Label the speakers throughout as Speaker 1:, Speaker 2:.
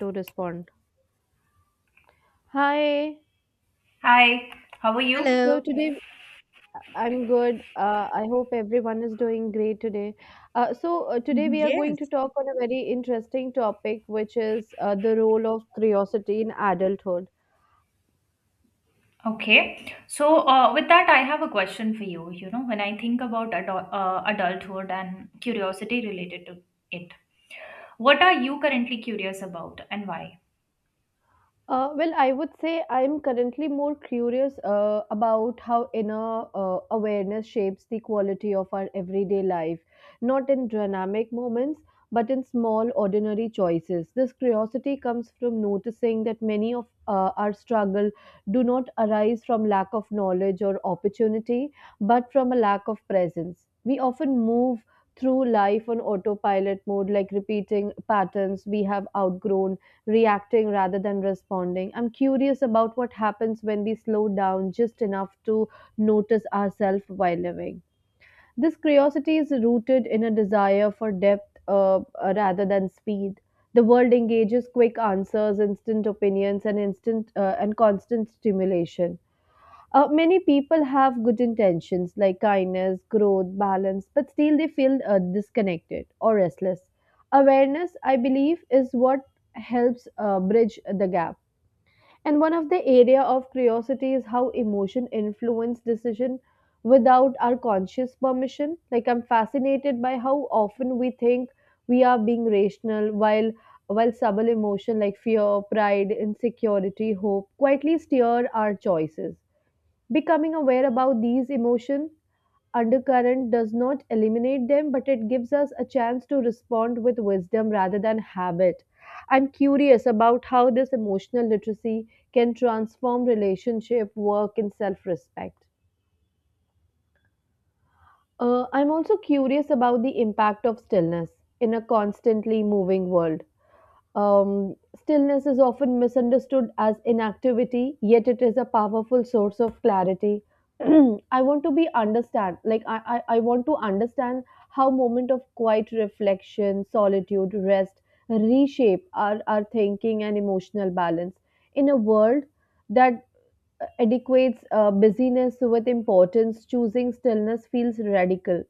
Speaker 1: To respond. Hi.
Speaker 2: Hi, how are you?
Speaker 1: So
Speaker 3: Hello.
Speaker 1: today I'm good. I hope everyone is doing great today. Today we are
Speaker 2: Mhm.
Speaker 1: going to
Speaker 3: Yes.
Speaker 1: talk on a very interesting topic, which is the role of curiosity in adulthood.
Speaker 2: Okay. So, with that, I have a question for you. You know, when I think about adult, adulthood and curiosity related to it, what are you currently curious about and why?
Speaker 1: Well, I would say I'm currently more curious about how inner awareness shapes the quality of our everyday life, not in dramatic moments, but in small, ordinary choices. This curiosity comes from noticing that many of our struggle do not arise from lack of knowledge or opportunity, but from a lack of presence. We often move through life on autopilot mode, like repeating patterns we have outgrown reacting rather than responding. I'm curious about what happens when we slow down just enough to notice ourselves while living. This curiosity is rooted in a desire for depth rather than speed. The world engages quick answers, instant opinions, and instant and constant stimulation. Many people have good intentions like kindness, growth, balance, but still they feel disconnected or restless. Awareness, I believe, is what helps bridge the gap. And one of the area of curiosity is how emotion influence decision without our conscious permission. Like I'm fascinated by how often we think we are being rational while subtle emotion like fear, pride, insecurity, hope quietly steer our choices. Becoming aware about these emotion undercurrent does not eliminate them, but it gives us a chance to respond with wisdom rather than habit. I'm curious about how this emotional literacy can transform relationship, work, and self-respect. I'm also curious about the impact of stillness in a constantly moving world. Stillness is often misunderstood as inactivity, yet it is a powerful source of clarity. I want to be understand, like I want to understand how moment of quiet reflection, solitude, rest reshape our thinking and emotional balance in a world that adequates busyness with importance, choosing stillness feels radical.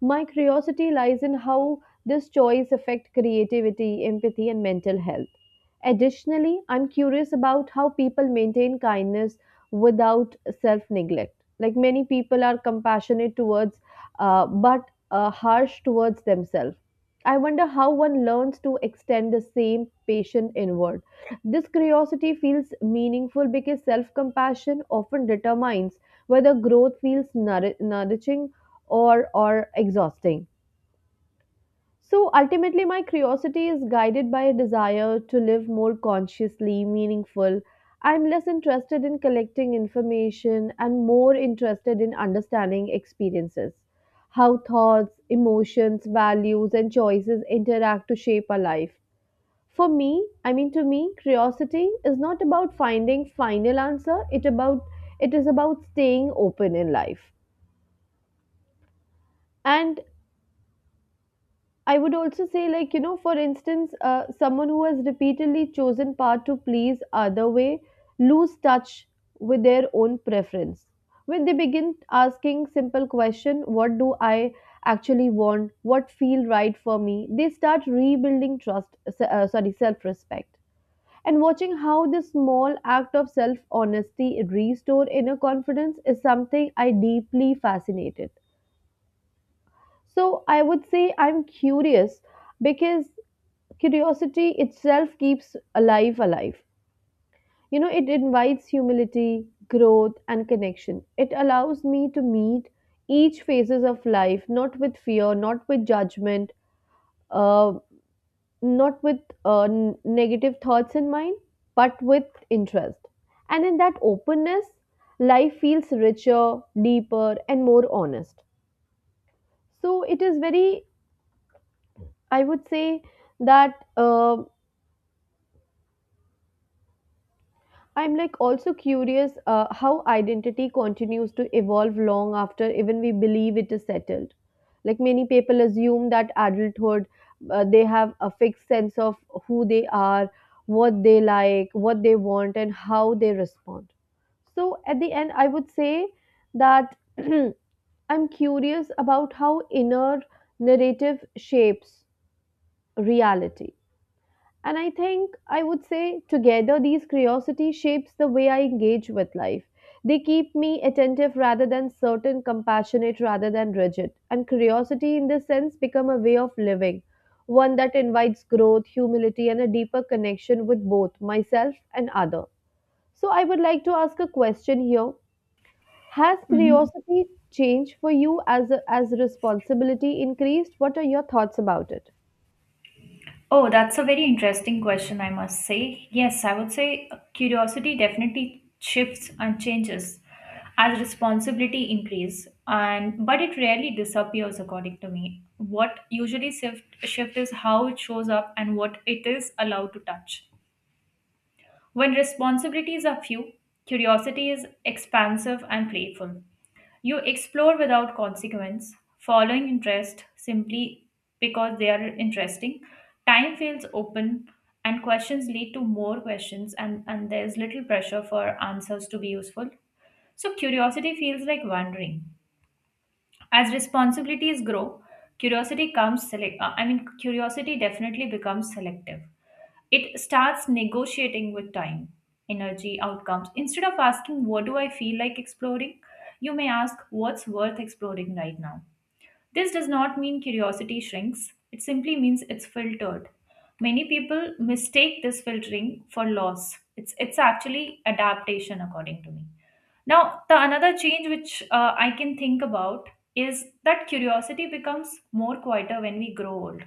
Speaker 1: My curiosity lies in how this choice affects creativity, empathy, and mental health. Additionally, I'm curious about how people maintain kindness without self neglect. Like many people are compassionate towards, but harsh towards themselves. I wonder how one learns to extend the same patient inward. This curiosity feels meaningful because self compassion often determines whether growth feels nourishing or exhausting. So ultimately, my curiosity is guided by a desire to live more consciously, meaningful. I'm less interested in collecting information and more interested in understanding experiences, how thoughts, emotions, values, and choices interact to shape our life. For me, I mean To me, curiosity is not about finding final answer. It is about staying open in life. And I would also say, like you know, for instance, someone who has repeatedly chosen path to please other way lose touch with their own preference when they begin asking simple question, what do I actually want? What feel right for me? They start rebuilding trust. Sorry, self respect. And watching how this small act of self honesty restore inner confidence is something I deeply fascinated. So I would say I'm curious because curiosity itself keeps alive. You know, it invites humility, growth, and connection. It allows me to meet each phases of life not with fear, not with judgment, uh, not with negative thoughts in mind, but with interest. And in that openness, life feels richer, deeper, and more honest. So it is very, I would say that I'm like also curious how identity continues to evolve long after even we believe it is settled. Like many people assume that adulthood, they have a fixed sense of who they are, what they like, what they want, and how they respond. So at the end, I would say that I'm curious about how inner narrative shapes reality, and I think I would say together these curiosity shapes the way I engage with life. They keep me attentive rather than certain, compassionate rather than rigid. And curiosity in this sense become a way of living, one that invites growth, humility and a deeper connection with both myself and other. So I would like to ask a question here. Has
Speaker 2: Mhm.
Speaker 1: curiosity changed for you as as responsibility increased? What are your thoughts about it?
Speaker 2: Oh, that's a very interesting question, I must say. Yes, I would say curiosity definitely shifts and changes as responsibility increase, and but it rarely disappears according to me. What usually shift is how it shows up and what it is allowed to touch. When responsibilities are few, curiosity is expansive and playful. You explore without consequence, following interest simply because they are interesting. Time feels open, and questions lead to more questions, and there's little pressure for answers to be useful. So, curiosity feels like wandering. As responsibilities grow, curiosity comes select. I mean, curiosity definitely becomes selective. It starts negotiating with time, energy, outcomes. Instead of asking, "What do I feel like exploring?" you may ask, "What's worth exploring right now?" This does not mean curiosity shrinks, it simply means it's filtered. Many people mistake this filtering for loss. It's actually adaptation, according to me. Now, the another change which I can think about is that curiosity becomes more quieter when we grow old.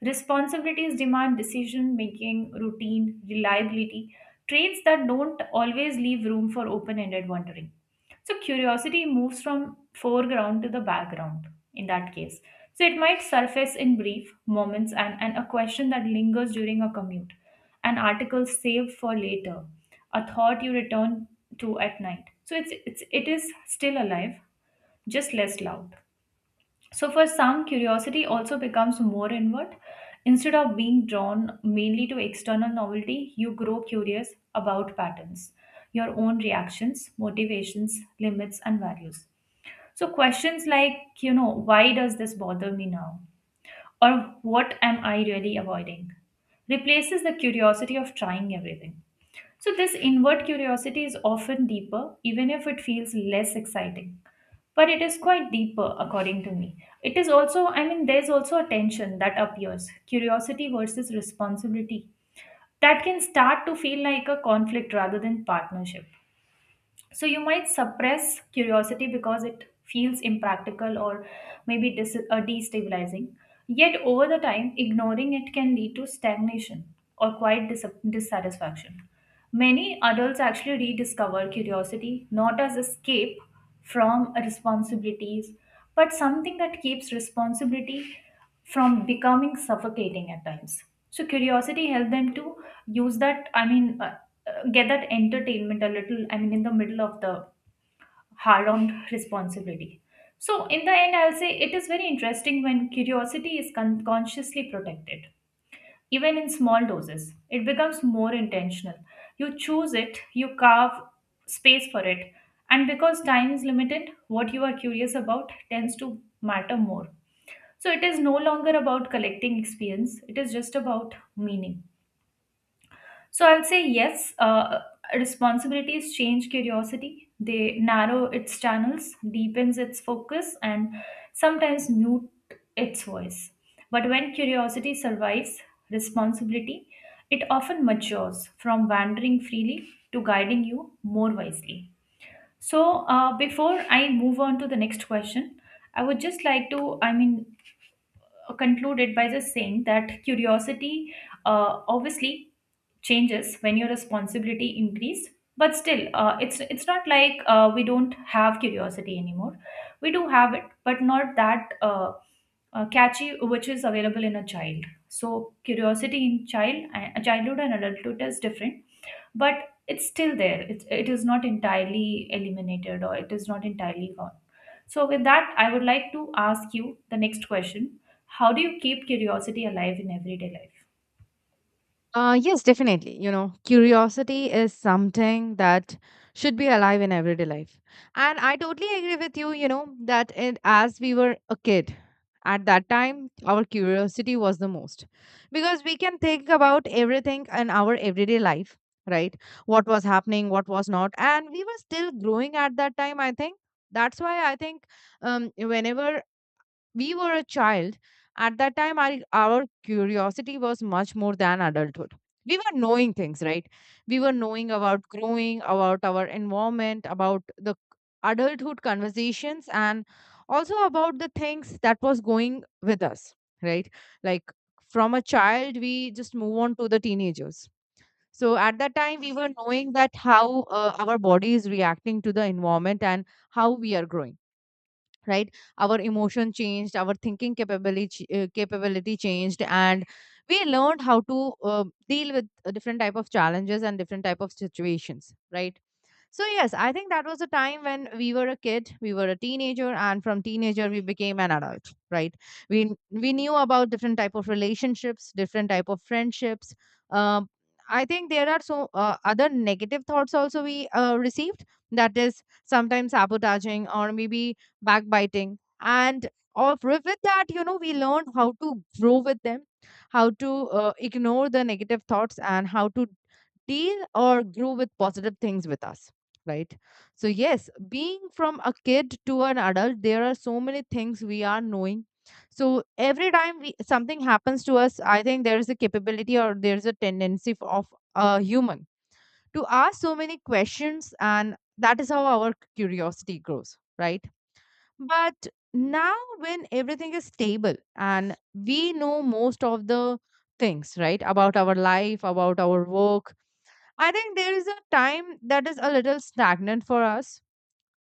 Speaker 2: Responsibilities demand decision making, routine, reliability, traits that don't always leave room for open ended wondering. So, curiosity moves from foreground to the background in that case. So, it might surface in brief moments, and a question that lingers during a commute, an article saved for later, a thought you return to at night. So, it is still alive, just less loud. So, for some, curiosity also becomes more inward. Instead of being drawn mainly to external novelty, you grow curious about patterns, your own reactions, motivations, limits, and values. So, questions like, you know, why does this bother me now? Or what am I really avoiding? Replaces the curiosity of trying everything. So, this inward curiosity is often deeper, even if it feels less exciting, but it is quite deeper according to me. It is also I mean There's also a tension that appears, curiosity versus responsibility, that can start to feel like a conflict rather than partnership. So you might suppress curiosity because it feels impractical or maybe destabilizing. Yet over the time ignoring it can lead to stagnation or quite dissatisfaction. Many adults actually rediscover curiosity not as escape from responsibilities, but something that keeps responsibility from becoming suffocating at times. So curiosity helps them to use that I mean get that entertainment a little, in the middle of the hard on responsibility. So in the end I'll say it is very interesting when curiosity is consciously protected. Even in small doses it becomes more intentional. You choose it, you carve space for it, and because time is limited, what you are curious about tends to matter more. So it is no longer about collecting experience, it is just about meaning. So I'll say yes. Responsibilities change curiosity. They narrow its channels, deepens its focus, and sometimes mute its voice. But when curiosity survives responsibility, it often matures from wandering freely to guiding you more wisely. So before I move on to the next question, I would just like to, I mean, conclude it by just saying that curiosity obviously changes when your responsibility increase, but still it's not like we don't have curiosity anymore. We do have it, but not that catchy which is available in a child. So curiosity in child a childhood and adulthood is different, but it's still there. It is not entirely eliminated, or it is not entirely gone. So with that I would like to ask you the next question: how do you keep curiosity alive in everyday life?
Speaker 3: Yes, definitely. Curiosity is something that should be alive in everyday life. And I totally agree with you, that as we were a kid, at that time, our curiosity was the most, because we can think about everything in our everyday life, right? What was happening, what was not. And we were still growing at that time, I think. That's why I think, whenever we were a child, at that time our curiosity was much more than adulthood. We were knowing things, right? We were knowing about growing, about our environment, about the adulthood conversations, and also about the things that was going with us, right? Like from a child, we just move on to the teenagers. So at that time, we were knowing that how our body is reacting to the environment and how we are growing, right? Our emotion changed, our thinking capability changed, and we learned how to deal with a different type of challenges and different type of situations, right? So, yes, I think that was a time when we were a kid, we were a teenager, and from teenager we became an adult, right? We knew about different type of relationships, different type of friendships. Um, I think there are so other negative thoughts also we received. That is sometimes sabotaging or maybe backbiting, and of with that, we learned how to grow with them, how to ignore the negative thoughts, and how to deal or grow with positive things with us, right? So yes, being from a kid to an adult, there are so many things we are knowing. So every time something happens to us, I think there is a capability, or there's a tendency of a human to ask so many questions, and that is how our curiosity grows, right? But now, when everything is stable and we know most of the things, right, about our life, about our work, I think there is a time that is a little stagnant for us,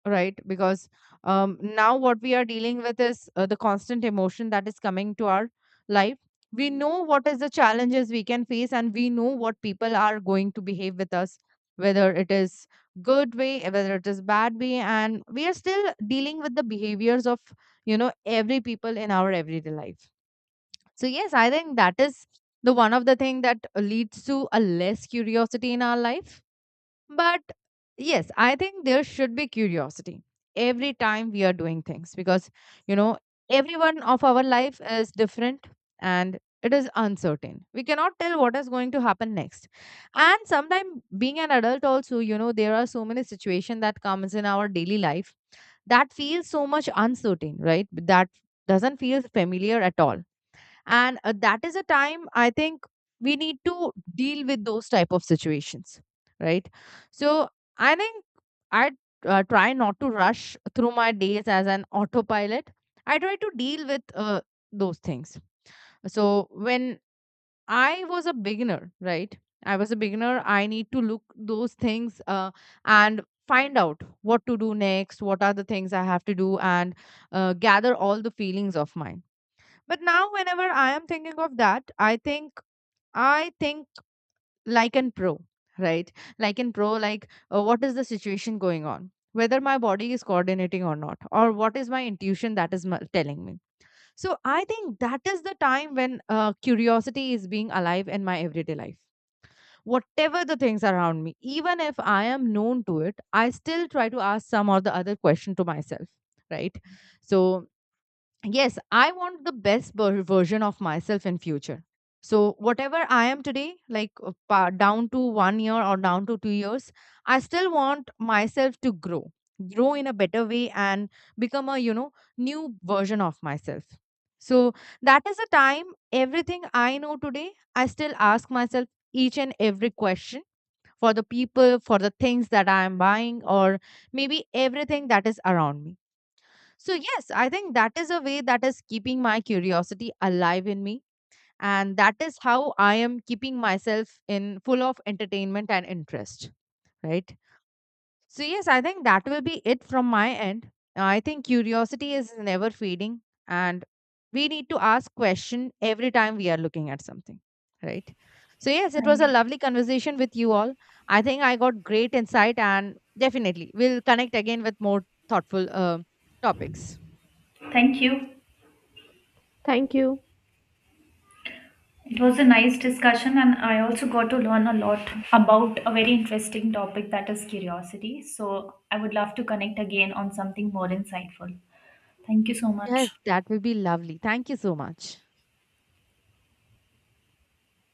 Speaker 3: right? Because now what we are dealing with is the constant emotion that is coming to our life. We know what is the challenges we can face, and we know what people are going to behave with us, whether it is good way, whether it is bad way, and we are still dealing with the behaviors of every people in our everyday life. So yes, I think that is the one of the thing that leads to a less curiosity in our life. But yes, I think there should be curiosity every time we are doing things, because, you know, everyone of our life is different and it is uncertain. We cannot tell what is going to happen next. And sometimes being an adult also, there are so many situations that comes in our daily life that feels so much uncertain, right? That doesn't feel familiar at all, and that is a time, I think, we need to deal with those type of situations, right? So I think I try not to rush through my days as an autopilot. I try to deal with those things. So when I was a beginner, right, I was a beginner, I need to look those things, and find out what to do next, what are the things I have to do, and gather all the feelings of mine. But now, whenever I am thinking of that, I think Lycan Pro, right? Lycan Pro, like what is the situation going on? Whether my body is coordinating or not, or what is my intuition that is telling me. So I think that is the time when curiosity is being alive in my everyday life. Whatever the things around me, even if I am known to it, I still try to ask some or the other question to myself, right? So yes, I want the best version of myself in future. So whatever I am today, like down to 1 year or down to 2 years, I still want myself to grow in a better way and become a new version of myself. So that is the time, everything I know today, I still ask myself each and every question, for the people, for the things that I am buying, or maybe everything that is around me. So, yes, I think that is a way that is keeping my curiosity alive in me. And that is how I am keeping myself in full of entertainment and interest, right? So, yes, I think that will be it from my end. I think curiosity is never fading, and we need to ask question every time we are looking at something, right? So, yes, it was
Speaker 2: Right.
Speaker 3: a lovely conversation with you all. I think I got great insight, and definitely we'll connect again with more thoughtful topics.
Speaker 2: Thank you.
Speaker 1: Thank you.
Speaker 2: It was a nice discussion, and I also got to learn a lot about a very interesting topic, that is curiosity. So, I would love to connect again on something more insightful. Thank you so much.
Speaker 3: Yes, that will be lovely. Thank you so much.